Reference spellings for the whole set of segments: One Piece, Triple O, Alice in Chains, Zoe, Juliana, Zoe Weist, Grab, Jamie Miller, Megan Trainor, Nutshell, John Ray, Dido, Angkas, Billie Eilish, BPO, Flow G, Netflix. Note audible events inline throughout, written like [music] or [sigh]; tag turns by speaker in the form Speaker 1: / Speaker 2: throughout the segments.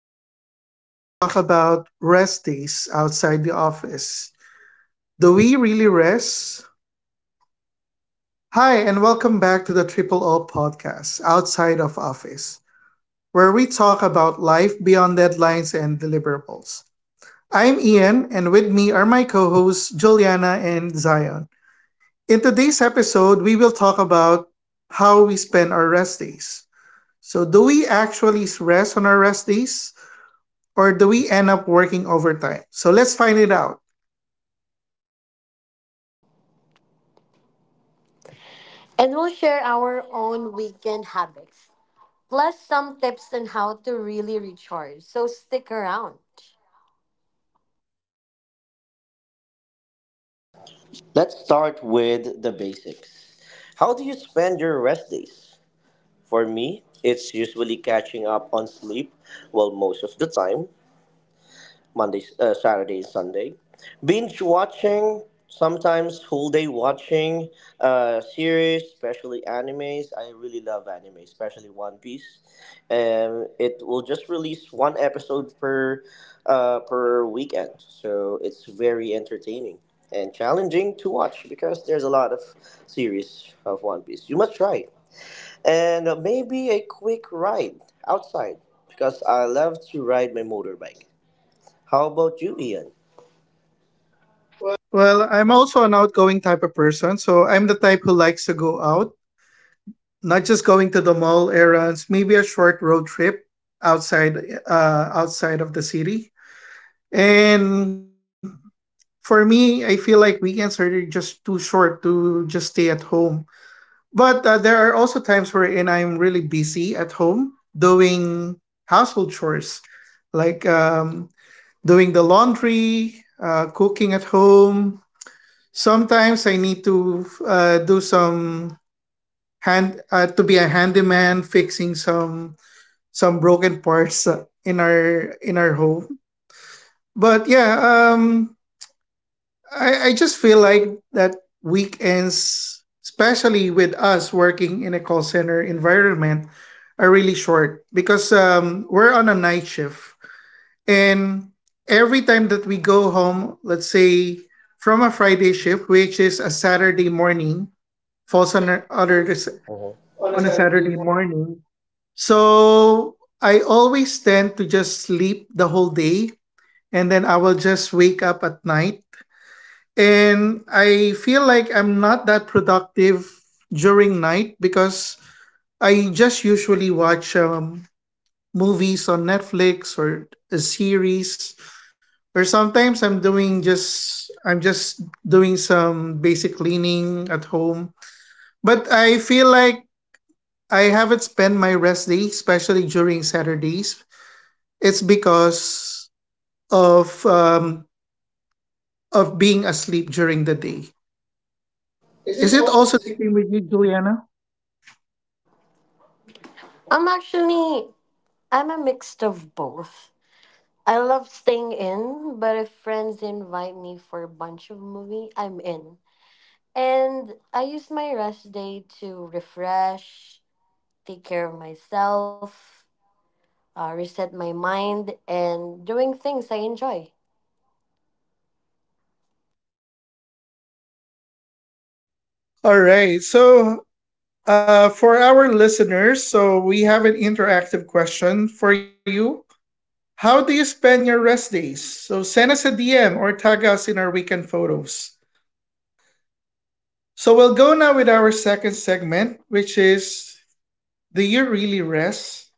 Speaker 1: episode, we will talk about rest days outside the office. Do we really rest? Hi, and welcome back to the Triple O podcast, Outside of Office, where we talk about life beyond deadlines and deliverables. I'm Ian, and with me are my co hosts, Juliana and Zion. In today's episode, we will talk about how we spend our rest days. So, do we actually rest on our rest days, or do we end up working overtime? So let's find it out.
Speaker 2: And we'll share our own weekend habits, plus some tips on how to really recharge. So stick around.
Speaker 3: Let's start with the basics. How do you spend your rest days? For me, it's usually catching up on sleep, well, most of the time. Monday, Saturday, Sunday. Binge watching, sometimes full day watching series, especially animes. I really love anime, especially One Piece. It will just release one episode per per weekend, so it's very entertaining and challenging to watch because there's a lot of series of One Piece. You must try, and maybe a quick ride outside because I love to ride my motorbike. How about you, Ian?
Speaker 1: Well, I'm also an outgoing type of person, so I'm the type who likes to go out, not just going to the mall errands, maybe a short road trip outside, outside of the city. And for me, I feel like weekends are just too short to just stay at home. But there are also times wherein I'm really busy at home doing household chores like doing the laundry, cooking at home. Sometimes I need to do some hand to be a handyman, fixing some broken parts in our home. But yeah, um, I just feel like that weekends, especially with us working in a call center environment, are really short because we're on a night shift. And every time that we go home, let's say from a Friday shift, which is a Saturday morning, falls on a, other,
Speaker 3: Hmm.
Speaker 1: on a Saturday morning. So I always tend to just sleep the whole day and then I will just wake up at night. And I feel like I'm not that productive during night because I just usually watch movies on Netflix or a series. Or sometimes I'm just doing some basic cleaning at home. But I feel like I haven't spent my rest day, especially during Saturdays. It's because of um, of being asleep during the day. Is it also the same with you, Juliana?
Speaker 2: I'm actually I'm a mixed of both. I love staying in, but if friends invite me for a bunch of movie, I'm in. And I use my rest day to refresh, take care of myself, reset my mind, and doing things I enjoy.
Speaker 1: All right. So for our listeners, so we have an interactive question for you. How do you spend your rest days? So send us a DM or tag us in our weekend photos. So we'll go now with our second segment, which is, do you really rest?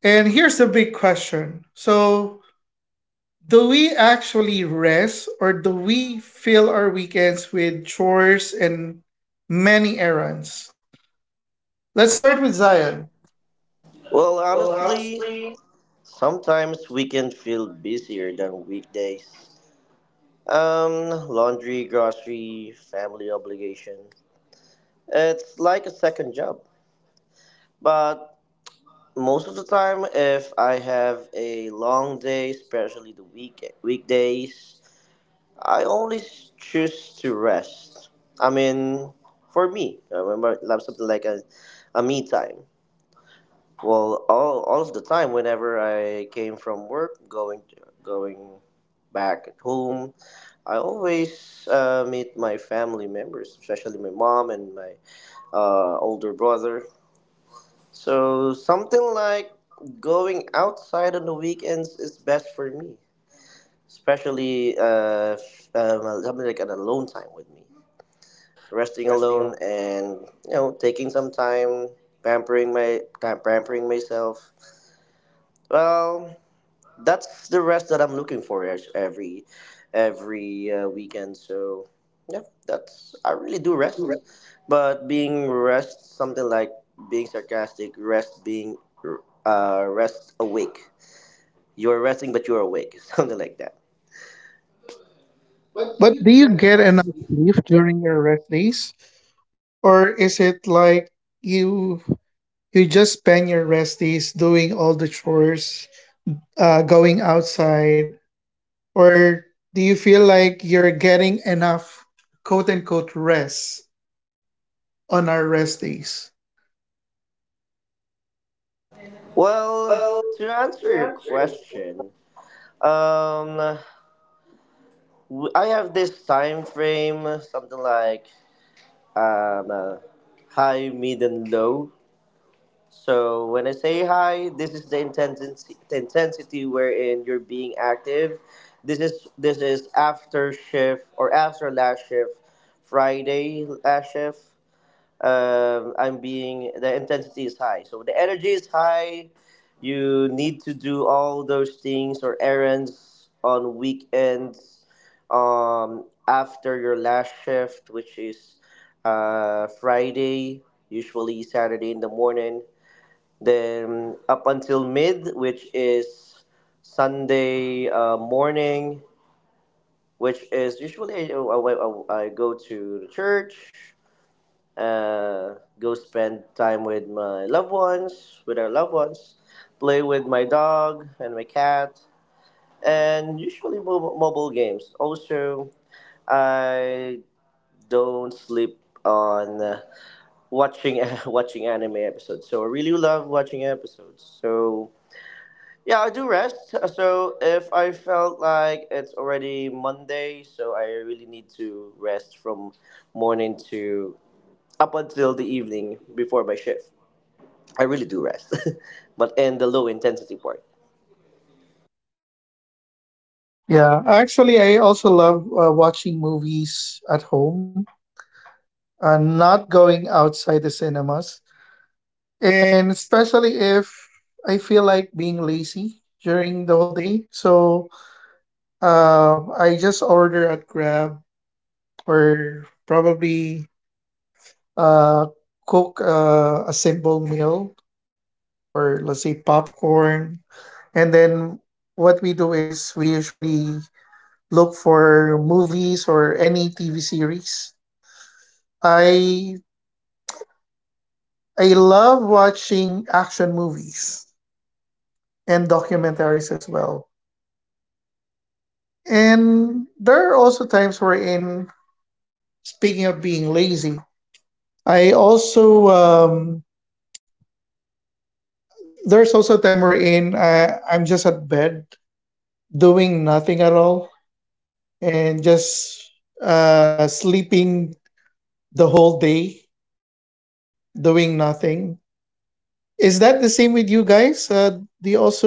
Speaker 1: And here's the big question. So, do we actually rest or do we fill our weekends with chores and many errands? Let's start with Zion.
Speaker 3: Well, honestly, sometimes weekends feel busier than weekdays. Um, Laundry, grocery, family obligation. It's like a second job. But most of the time, if I have a long day, especially the weekdays, I choose to rest. I mean, for me, I remember I love something like a me time. Well, all of the time, whenever I came from work, going back at home, I always meet my family members, especially my mom and my older brother. So something like going outside on the weekends is best for me, especially something like an alone time with me, resting alone, and you know, taking some time pampering myself. Well, that's the rest that I'm looking for every weekend. So yeah, that's, I really do rest, but being rest something like being sarcastic, rest being rest awake. You're resting, but you're awake, [laughs] something like that. But do
Speaker 1: But
Speaker 3: you
Speaker 1: do you
Speaker 3: get
Speaker 1: get
Speaker 3: enough
Speaker 1: enough
Speaker 3: sleep?
Speaker 1: sleep during your rest days? Or is it like you you just spend your rest days doing all the chores, going outside, or do you feel like you're getting enough quote unquote rest on our rest days?
Speaker 3: Well, to answer your question, um, I have this time frame, something like um, uh, high, mid, and low. So when I say hi, this is the intensity wherein you're being active. This is after shift or after last shift, Friday last shift. I'm being, the intensity is high, so the energy is high. You need to do all those things or errands on weekends, after your last shift, which is Friday, usually Saturday in the morning, then up until mid, which is Sunday morning, which is usually I go to the church, go spend time with my loved ones, with our loved ones, play with my dog and my cat, and usually mobile games. Also, I don't sleep on watching [laughs] watching anime episodes. So I really love watching episodes. So yeah, I do rest. So if I felt like it's already Monday, so I really need to rest from morning to up until the evening before my shift. I really do rest, [laughs] but in the low intensity part.
Speaker 1: Yeah, actually, I also love watching movies at home and not going outside the cinemas. And especially if I feel like being lazy during the whole day. So I just order at Grab or probably uh, cook a simple meal or let's say popcorn. And then what we do is we usually look for movies or any TV series. I I love watching action movies and documentaries as well. And there are also times wherein, speaking of being lazy, I also there's also a time wherein I'm just at bed doing nothing at all and just sleeping the whole day, doing nothing. Is that the same with you guys? Do you also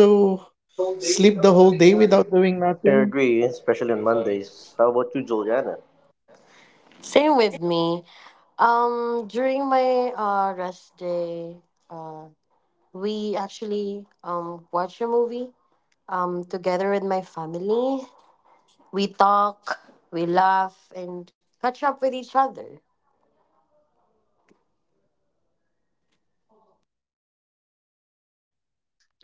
Speaker 3: The whole
Speaker 1: sleep the
Speaker 3: day
Speaker 1: whole
Speaker 3: without
Speaker 1: day
Speaker 3: doing
Speaker 1: without doing
Speaker 3: nothing. I
Speaker 1: nothing?
Speaker 3: agree, especially on Mondays. How about you, Juliana?
Speaker 2: Same with me. During my rest day, uh, we actually watch a movie together with my family. We talk, we laugh, and catch up with each other.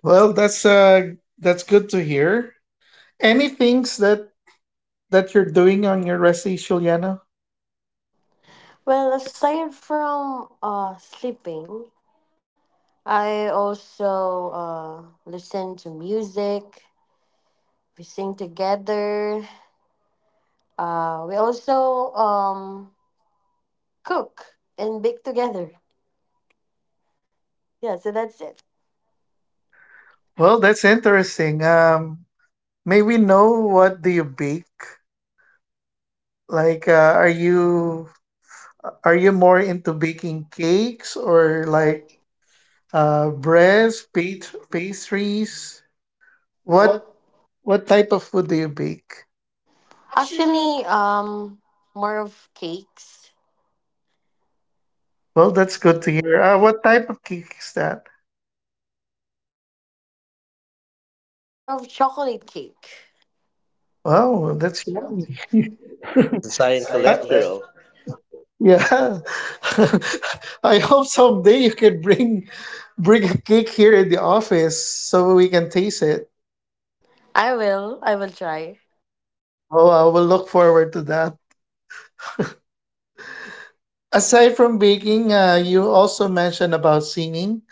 Speaker 1: Well, that's good to hear. Any things that you're doing on your recipe, Juliana?
Speaker 2: Well, aside from sleeping, I also listen to music. We sing together. We also cook and bake together. Yeah, so that's it.
Speaker 1: Well, that's interesting. May we know what do you bake? Like, are you more into baking cakes
Speaker 2: Or
Speaker 1: or like
Speaker 2: like
Speaker 1: breads, pastries? What
Speaker 2: what?
Speaker 1: what type of food do you bake? Actually,
Speaker 2: Actually, more of cakes.
Speaker 1: well,
Speaker 2: Well,
Speaker 1: that's
Speaker 2: that's
Speaker 1: good
Speaker 2: good
Speaker 1: to
Speaker 2: to
Speaker 1: hear.
Speaker 2: hear.
Speaker 1: What type of cake is that?
Speaker 2: More of chocolate cake. Wow,
Speaker 1: Wow,
Speaker 2: well,
Speaker 1: that's
Speaker 2: that's
Speaker 1: yummy.
Speaker 2: yummy. [laughs]
Speaker 1: [laughs]
Speaker 3: The sign
Speaker 1: I-
Speaker 3: cholesterol.
Speaker 1: Yeah. [laughs] I hope someday you can bring bring a cake here in the office so we can taste it.
Speaker 2: I will. I will try.
Speaker 1: Oh, I will look forward to that. Aside from baking, you also mentioned about singing.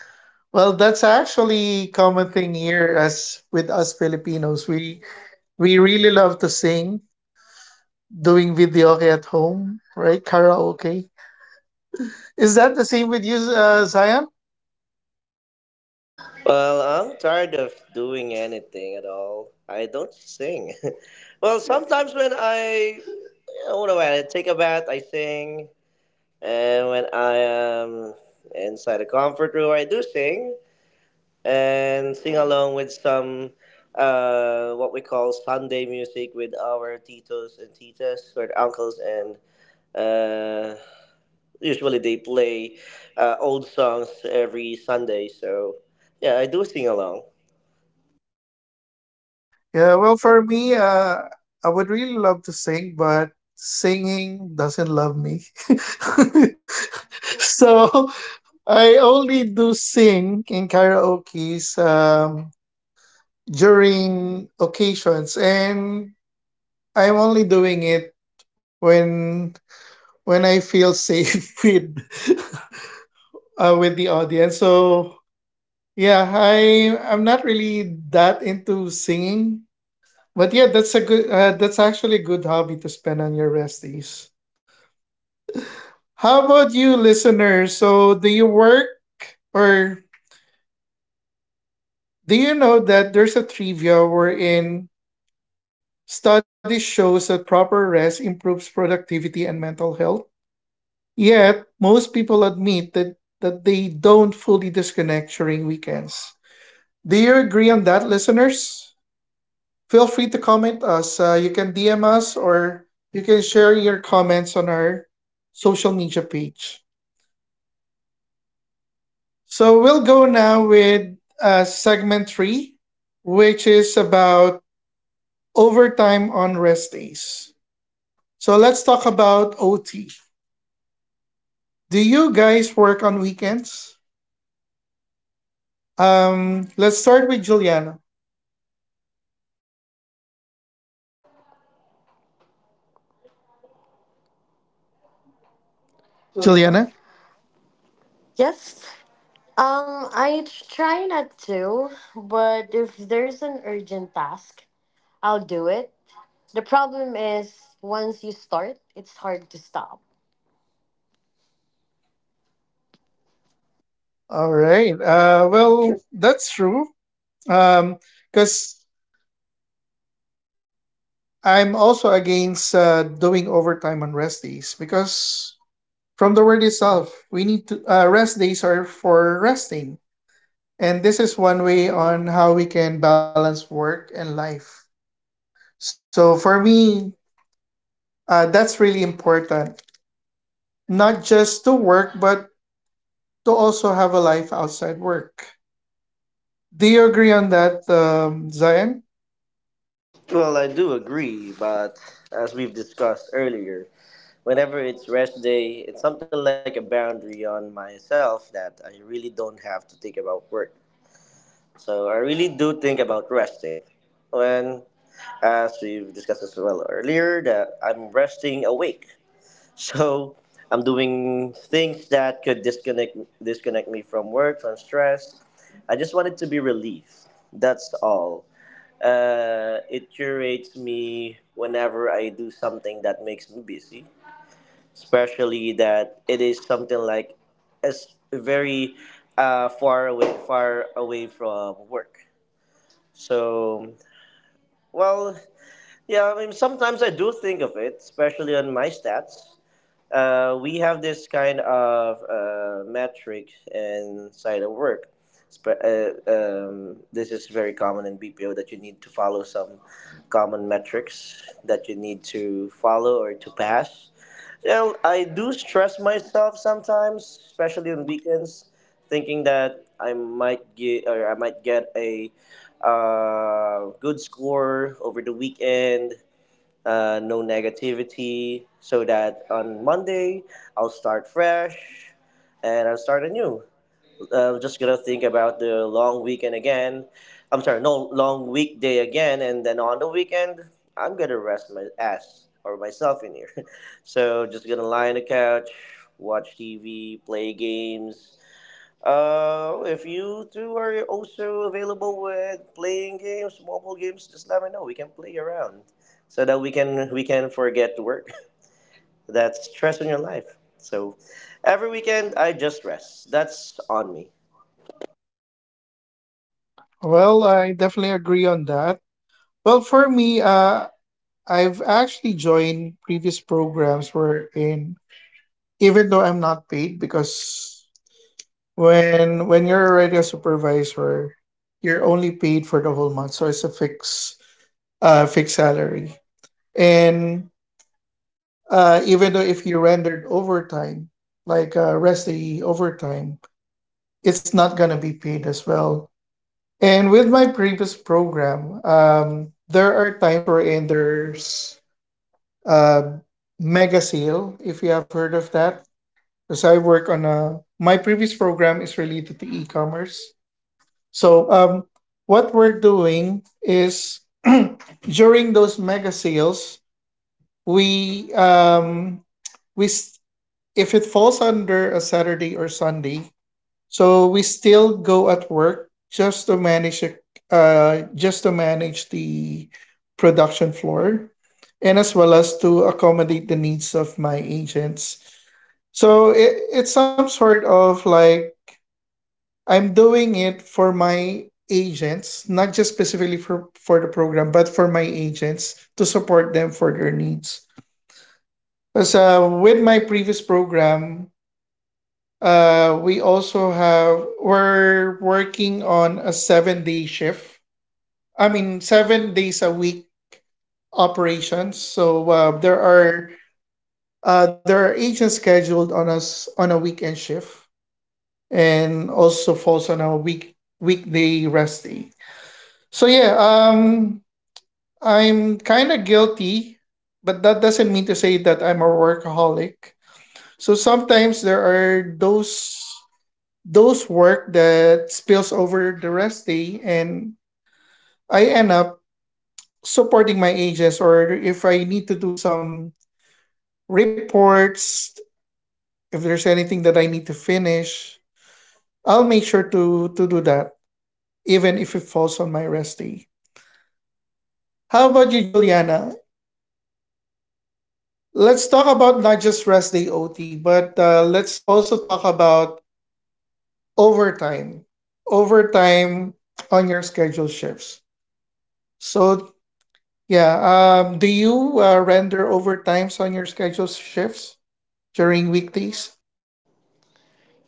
Speaker 1: Well, that's actually common thing here as with us Filipinos. We really love to sing, doing videoke at home, right? Karaoke. Is that the same with you, Zion?
Speaker 3: Well, I'm tired of doing anything at all. I don't sing. [laughs] Well, sometimes when I, you know, when I take a bath, I sing. And when I am inside a comfort room, I do sing and sing along with what we call Sunday music with our titos and titas, or uncles and. Uh, Usually they play old songs every Sunday, so yeah, I do sing along.
Speaker 1: Yeah, well, for me, I would really love to sing, but singing doesn't love me. [laughs] So I only do sing in karaoke's during occasions, and I'm only doing it when when I feel safe [laughs] with the audience. So yeah, I'm not really that into singing. But yeah, that's a good. That's actually a good hobby to spend on your rest days. How about you, listeners? So, do you work or do you know that there's a trivia wherein study shows that proper rest improves productivity and mental health? Yet, most people admit that they don't fully disconnect during weekends. Do you agree on that, listeners? Feel free to comment us. You can DM us or you can share your comments on our social media page. So we'll go now with segment three, which is about overtime on rest days. So let's talk about OT. Do you guys work on weekends? Let's start with Juliana.
Speaker 2: Juliana?
Speaker 1: Juliana?
Speaker 2: Yes. I try not to, but if there's an urgent task, I'll do it. The problem is once you start, it's hard to stop.
Speaker 1: All right. Well, that's true. Um, because I'm also against doing overtime on rest days because from the word itself, we need to rest days are for resting, and this is one way on how we can balance work and life. So for me, that's really important, not just to work but to also have a life outside work. Do you agree on that, Zion?
Speaker 3: Well, I do agree, but as we've discussed earlier, whenever it's rest day, it's something like a boundary on myself that I really don't have to think about work. So I really do think about resting. When, as we've discussed as well earlier, that I'm resting awake. [laughs] So I'm doing things that could disconnect me from work, from stress. I just want it to be relief. That's all. It curates me whenever I do something that makes me busy, especially that it is something like as very far away from work. So, well, yeah, I mean, sometimes I do think of it, especially on my stats. We have this kind of metric inside of work. This is very common in BPO that you need to follow some common metrics that you need to follow or to pass. Well, I do stress myself sometimes, especially on weekends, thinking that I might get a good score over the weekend, no negativity, so that on Monday I'll start fresh and I'll start anew. I'm just gonna think about the long weekend again. I'm sorry, no, long weekday again, and then on the weekend I'm gonna rest my ass or myself in here. [laughs] So just gonna lie on the couch, watch TV, play games, if you two are also available with playing games, mobile games, just let me know. We can play around so that we can forget the work. [laughs] That's stress in your life. So every weekend I just rest. That's on me.
Speaker 1: Well, I definitely agree on that. Well, for me, I've actually joined previous programs where in even though I'm not paid because when you're already a supervisor, you're only paid for the whole month, so it's a fixed fixed salary. And even though if you rendered overtime, like rest day overtime, it's not gonna be paid as well. And with my previous program, there are times wherein there's uh, mega sale if you have heard of that, because I work on a my previous program is related to e-commerce, so what we're doing is [clears throat] during those mega sales we um, we s- if it falls under a saturday or sunday, so we still go at work just to manage it, just to manage the production floor and as well as to accommodate the needs of my agents. So it's some sort of like I'm doing it for my agents, not just specifically for the program, but for my agents to support them for their needs. So with my previous program, we also have we're working on a 7 day shift. I mean, 7 days a week operations. So there are agents scheduled on us on a weekend shift and also falls on a weekday rest day. So yeah, I'm kind of guilty, but that doesn't mean to say that I'm a workaholic. So sometimes there are those work that spills over the rest day, and I end up supporting my agents, or if I need to do some reports, if there's anything that I need to finish, I'll make sure to do that, even if it falls on my rest day. How about you, Juliana? Let's talk about not just rest day OT, but let's also talk about overtime. Overtime on your scheduled shifts. So yeah, do you render overtimes on your scheduled shifts during weekdays?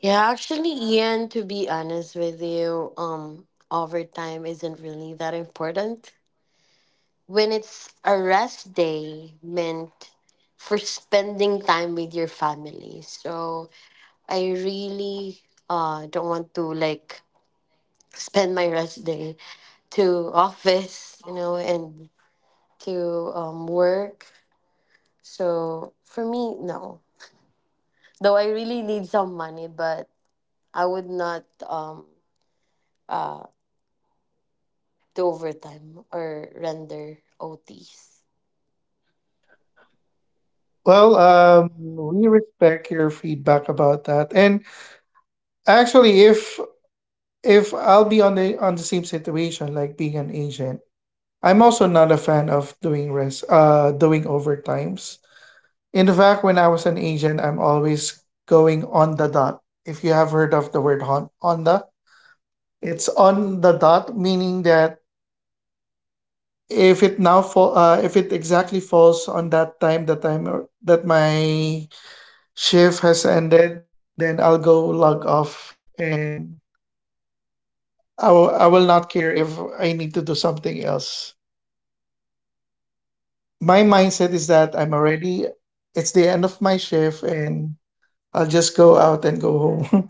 Speaker 2: Yeah, actually, Ian, to be honest with you, overtime isn't really that important. When it's a rest day meant for spending time with your family. So I really don't want to like spend my rest day to office, you know, and to work. So for me, no. Though I really need some money, but I would not uh, to overtime or render OTs? Well,
Speaker 1: Well,
Speaker 2: uh,
Speaker 1: we respect your feedback about that. And actually, if I'll be on the same situation, like being an agent, I'm also not a fan of doing overtimes. In fact, when I was an agent, I'm always going on the dot. If you have heard of the word it's on the dot, meaning that if it exactly falls on that time, that my shift has ended, then I'll go log off, and I will not care if I need to do something else. My mindset is that I'm already it's the end of my shift and I'll just go out and go home.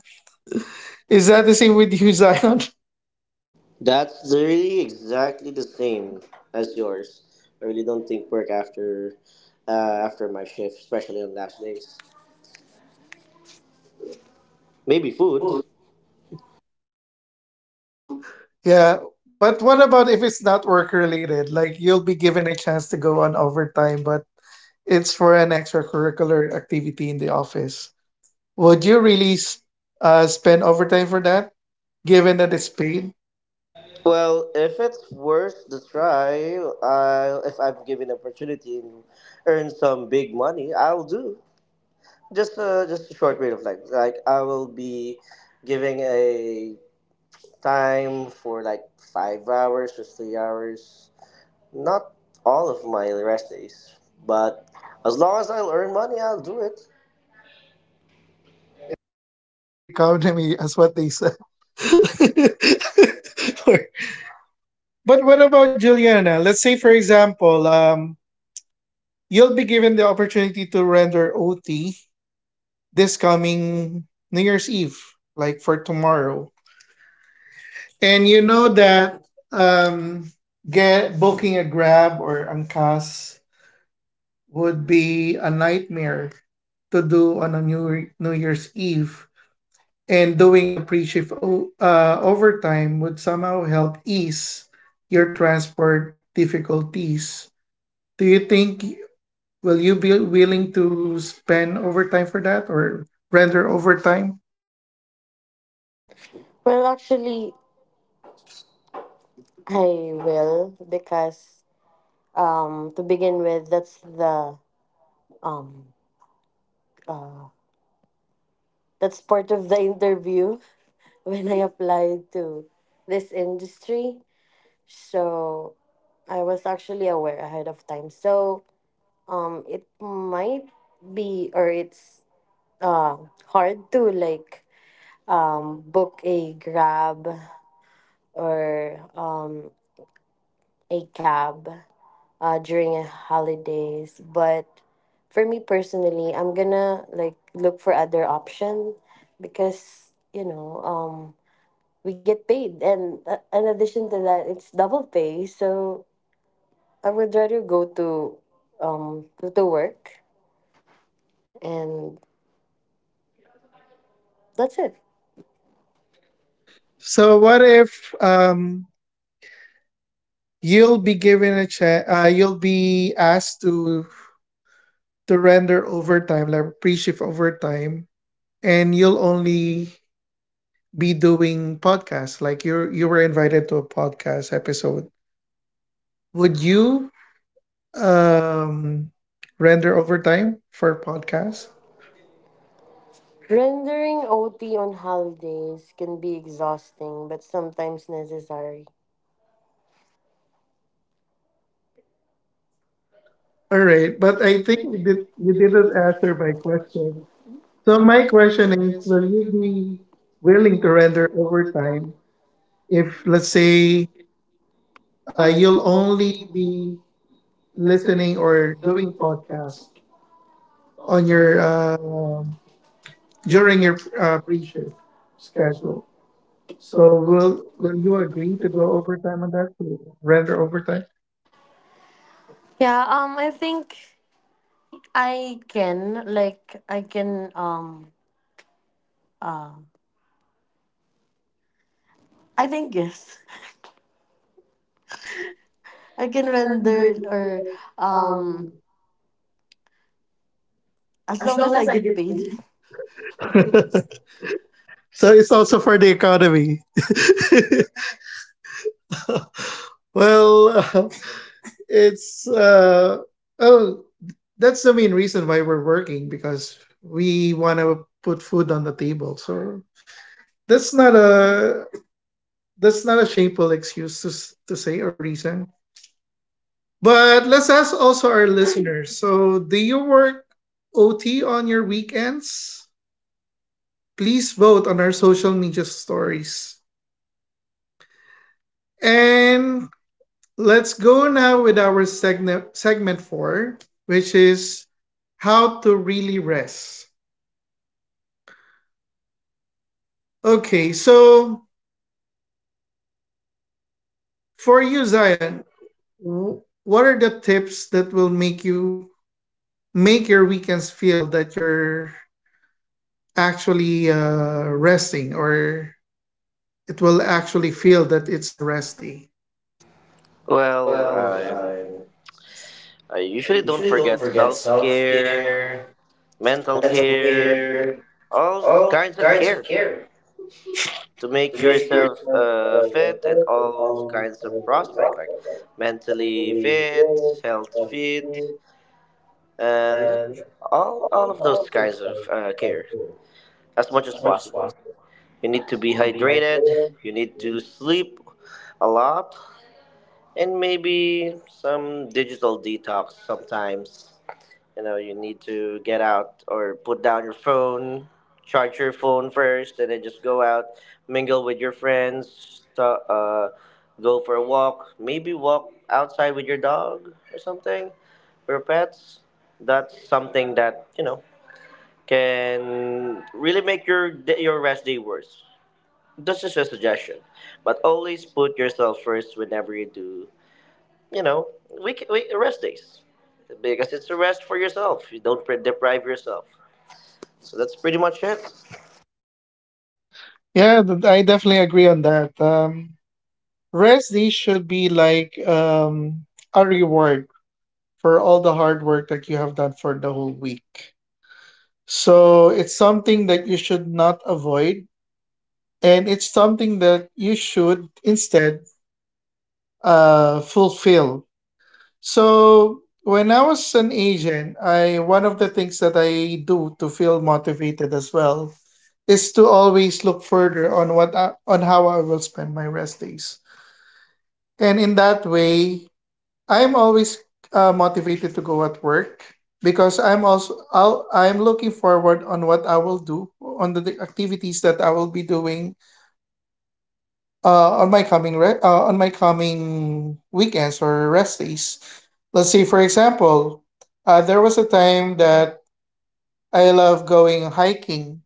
Speaker 1: [laughs] Is that the same with you, [laughs] Zion?
Speaker 3: That's really exactly the same as yours. I really don't think work after after my shift, especially on last days. Maybe food.
Speaker 1: Yeah. But what about if it's not work related? Like you'll be given a chance to go on overtime, but it's for an extracurricular activity in the office. Would you really spend overtime for that, given that it's paid?
Speaker 3: Well, if it's worth the try, if I'm given opportunity and earn some big money, I'll do. Just a short period of time. Like I will be giving a time for like 5 hours or 3 hours. Not all of my rest days, but as long as I'll earn money, I'll do it.
Speaker 1: Yeah, it's for the economy, as what they said. [laughs] For But what about Juliana? Let's say, for example, you'll be given the opportunity to render OT this coming New Year's Eve, like for tomorrow. And you know that um, get booking a Grab or Angkas would be a nightmare to do on a New Year's Eve. And doing a overtime would somehow help ease your transport difficulties do you think Will you be willing to spend overtime for that or render overtime?
Speaker 2: Well, actually, I will because to begin with, um, that's part of the interview [laughs] when I applied to this industry. So I was actually aware ahead of time. So it might be or it's uh hard to like book a grab or a cab during holidays. But for me personally, I'm gonna like look for other option because you know we get paid, and in addition to that, it's double pay. So I would rather go to to work, and that's it.
Speaker 1: So what if um you'll be given a chance you'll be asked to render overtime like pre-shift overtime, and you'll only be doing podcasts, like you were invited to a podcast episode. Would you um render overtime for podcasts?
Speaker 2: Rendering OT on holidays can be exhausting, but sometimes necessary.
Speaker 1: All
Speaker 2: All
Speaker 1: right,
Speaker 2: right,
Speaker 1: but
Speaker 2: but
Speaker 1: I
Speaker 2: I
Speaker 1: think
Speaker 2: think
Speaker 1: you
Speaker 2: you
Speaker 1: didn't
Speaker 2: didn't
Speaker 1: answer
Speaker 2: answer
Speaker 1: my
Speaker 2: my question.
Speaker 1: question. So
Speaker 2: So
Speaker 1: my
Speaker 2: my
Speaker 1: question
Speaker 2: question
Speaker 1: is,
Speaker 2: is,
Speaker 1: will
Speaker 2: will
Speaker 1: you
Speaker 2: you
Speaker 1: be
Speaker 2: be
Speaker 1: willing
Speaker 2: willing
Speaker 1: to
Speaker 2: to
Speaker 1: render
Speaker 2: render overtime
Speaker 1: overtime if,
Speaker 2: if,
Speaker 1: let's
Speaker 2: let's
Speaker 1: say,
Speaker 2: say,
Speaker 1: you'll
Speaker 2: you'll
Speaker 1: only
Speaker 2: only be
Speaker 1: be listening
Speaker 2: listening or
Speaker 1: or doing
Speaker 2: doing
Speaker 1: podcasts
Speaker 2: podcasts
Speaker 1: on
Speaker 2: on
Speaker 1: your
Speaker 2: your
Speaker 1: during
Speaker 2: during
Speaker 1: your
Speaker 2: your
Speaker 1: pre-shift
Speaker 2: pre-shift
Speaker 1: schedule.
Speaker 2: schedule?
Speaker 1: So
Speaker 2: So will
Speaker 1: will
Speaker 2: will
Speaker 1: you
Speaker 2: you
Speaker 1: agree
Speaker 2: agree
Speaker 1: to
Speaker 2: to go
Speaker 1: go
Speaker 2: over?
Speaker 1: overtime on that, to render overtime?
Speaker 2: Yeah, I think I can, like, I can, um, uh, I think yes. I can render or um as long as I get paid.
Speaker 1: [laughs] So it's also for the economy. [laughs] well, it's oh that's the main reason why we're working, because we want to put food on the table. So that's not a that's not a shameful excuse to to say or reason. But let's ask also our listeners. So, do you work OT on your weekends? Please vote on our social media stories. And let's go now with our segment 4, which is how to really rest. Okay, so for you, Zion, what are the tips that will make you make your weekends feel that you're actually resting, or it will actually feel that it's a rest day?
Speaker 3: Well, I usually don't forget self care, mental care, all kinds of care, to make yourself fit and all kinds of prospect like mentally fit, health fit, and all of those kinds of care. As much as possible, you need to be hydrated, you need to sleep a lot, and maybe some digital detox sometimes. You know, you need to get out or put down your phone, charge your phone first, and then just go out, mingle with your friends, go for a walk, maybe walk outside with your dog or something, or pets. That's something that you know can really make your your rest day worse. This is a suggestion, but always put yourself first whenever you do. You know, we rest days because it's a rest for yourself. You don't deprive yourself. So that's pretty much it.
Speaker 1: Yeah, I definitely agree on that. Rest day should be like a reward for all the hard work that you have done for the whole week. So it's something that you should not avoid, and it's something that you should instead fulfill. So when I was an agent, I one of the things that I do to feel motivated as well is to always look further on on how I will spend my rest days. And in that way, I'm always motivated to go at work, because I'm looking forward on what I will do on the activities that I will be doing on my on my coming weekends or rest days. Let's say, for example, there was a time that I love going hiking,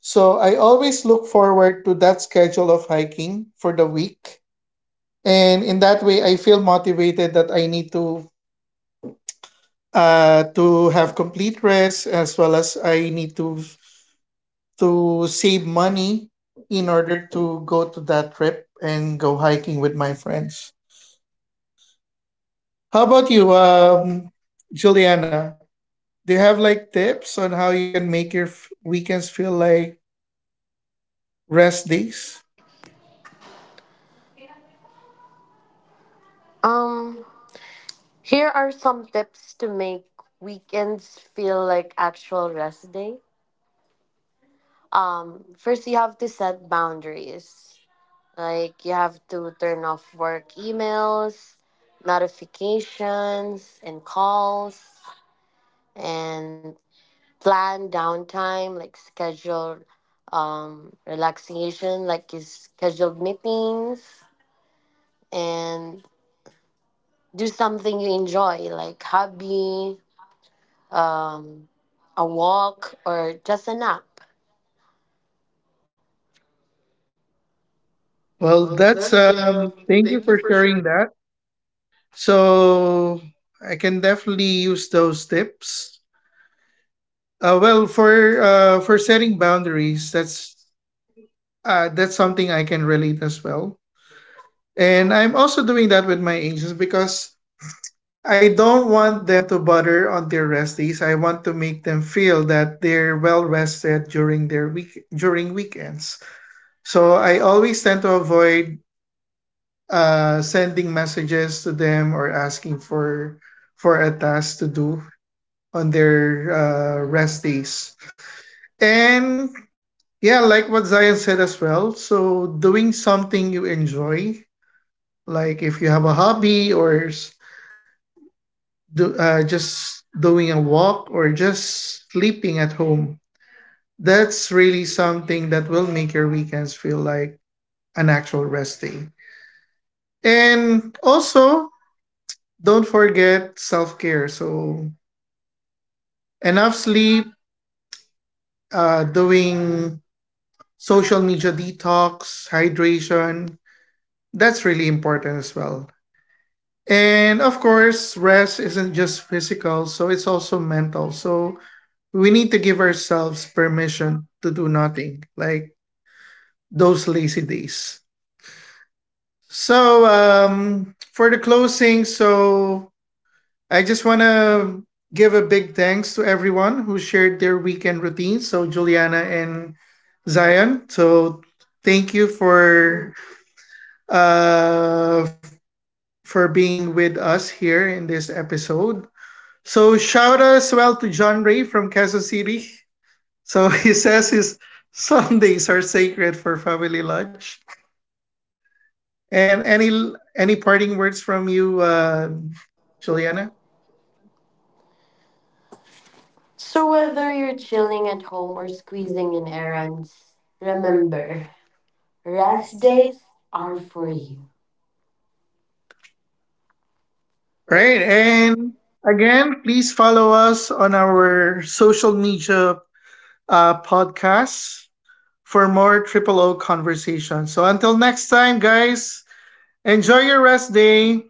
Speaker 1: so I always look forward to that schedule of hiking for the week, and in that way, I feel motivated that I need to have complete rest, as well as I need to save money in order to go to that trip and go hiking with my friends. How about you, Juliana? Do you have like tips on how you can make your weekends feel like rest days?
Speaker 2: Um, here are some tips to make weekends feel like actual rest day. First you have to set boundaries. Like you have to turn off work emails, notifications and calls and plan downtime, like schedule relaxation like you scheduled meetings and do something you enjoy, like hobby, um, a walk, or just a nap.
Speaker 1: Well,
Speaker 2: Well,
Speaker 1: that's
Speaker 2: that's
Speaker 1: um.
Speaker 2: um.
Speaker 1: Thank
Speaker 2: Thank
Speaker 1: you
Speaker 2: you
Speaker 1: for
Speaker 2: for sharing,
Speaker 1: sharing that. So I can definitely use those tips. Uh, well, for for setting boundaries, that's something I can relate as well. And I'm also doing that with my agents, because I don't want them to bother on their rest days. I want to make them feel that they're well rested during weekends. So I always tend to avoid sending messages to them or asking for a task to do on their rest days. And yeah, like what Zion said as well. So doing something you enjoy, like if you have a hobby just doing a walk or just sleeping at home. That's really something that will make your weekends feel like an actual rest day. And also, don't forget self care. So, enough sleep, doing social media detox, hydration. That's really important as well. And of course, rest isn't just physical, so it's also mental. So, we need to give ourselves permission to do nothing, like those lazy days. So, for the closing, so I just want to give a big thanks to everyone who shared their weekend routines. So, Juliana and Zion. So, thank you uh f- for being with us here in this episode. So, shout out as well to John Ray from Quezon City. [laughs] So [laughs] he says his Sundays are sacred for family lunch. And any parting words from you, Juliana?
Speaker 2: Juliana. So whether you're chilling at home or squeezing in errands, remember, rest days are for you. Right,
Speaker 1: Right.
Speaker 2: and
Speaker 1: And again, please follow us on our social media podcasts for more Triple O conversations. So until next time, guys, enjoy your rest day.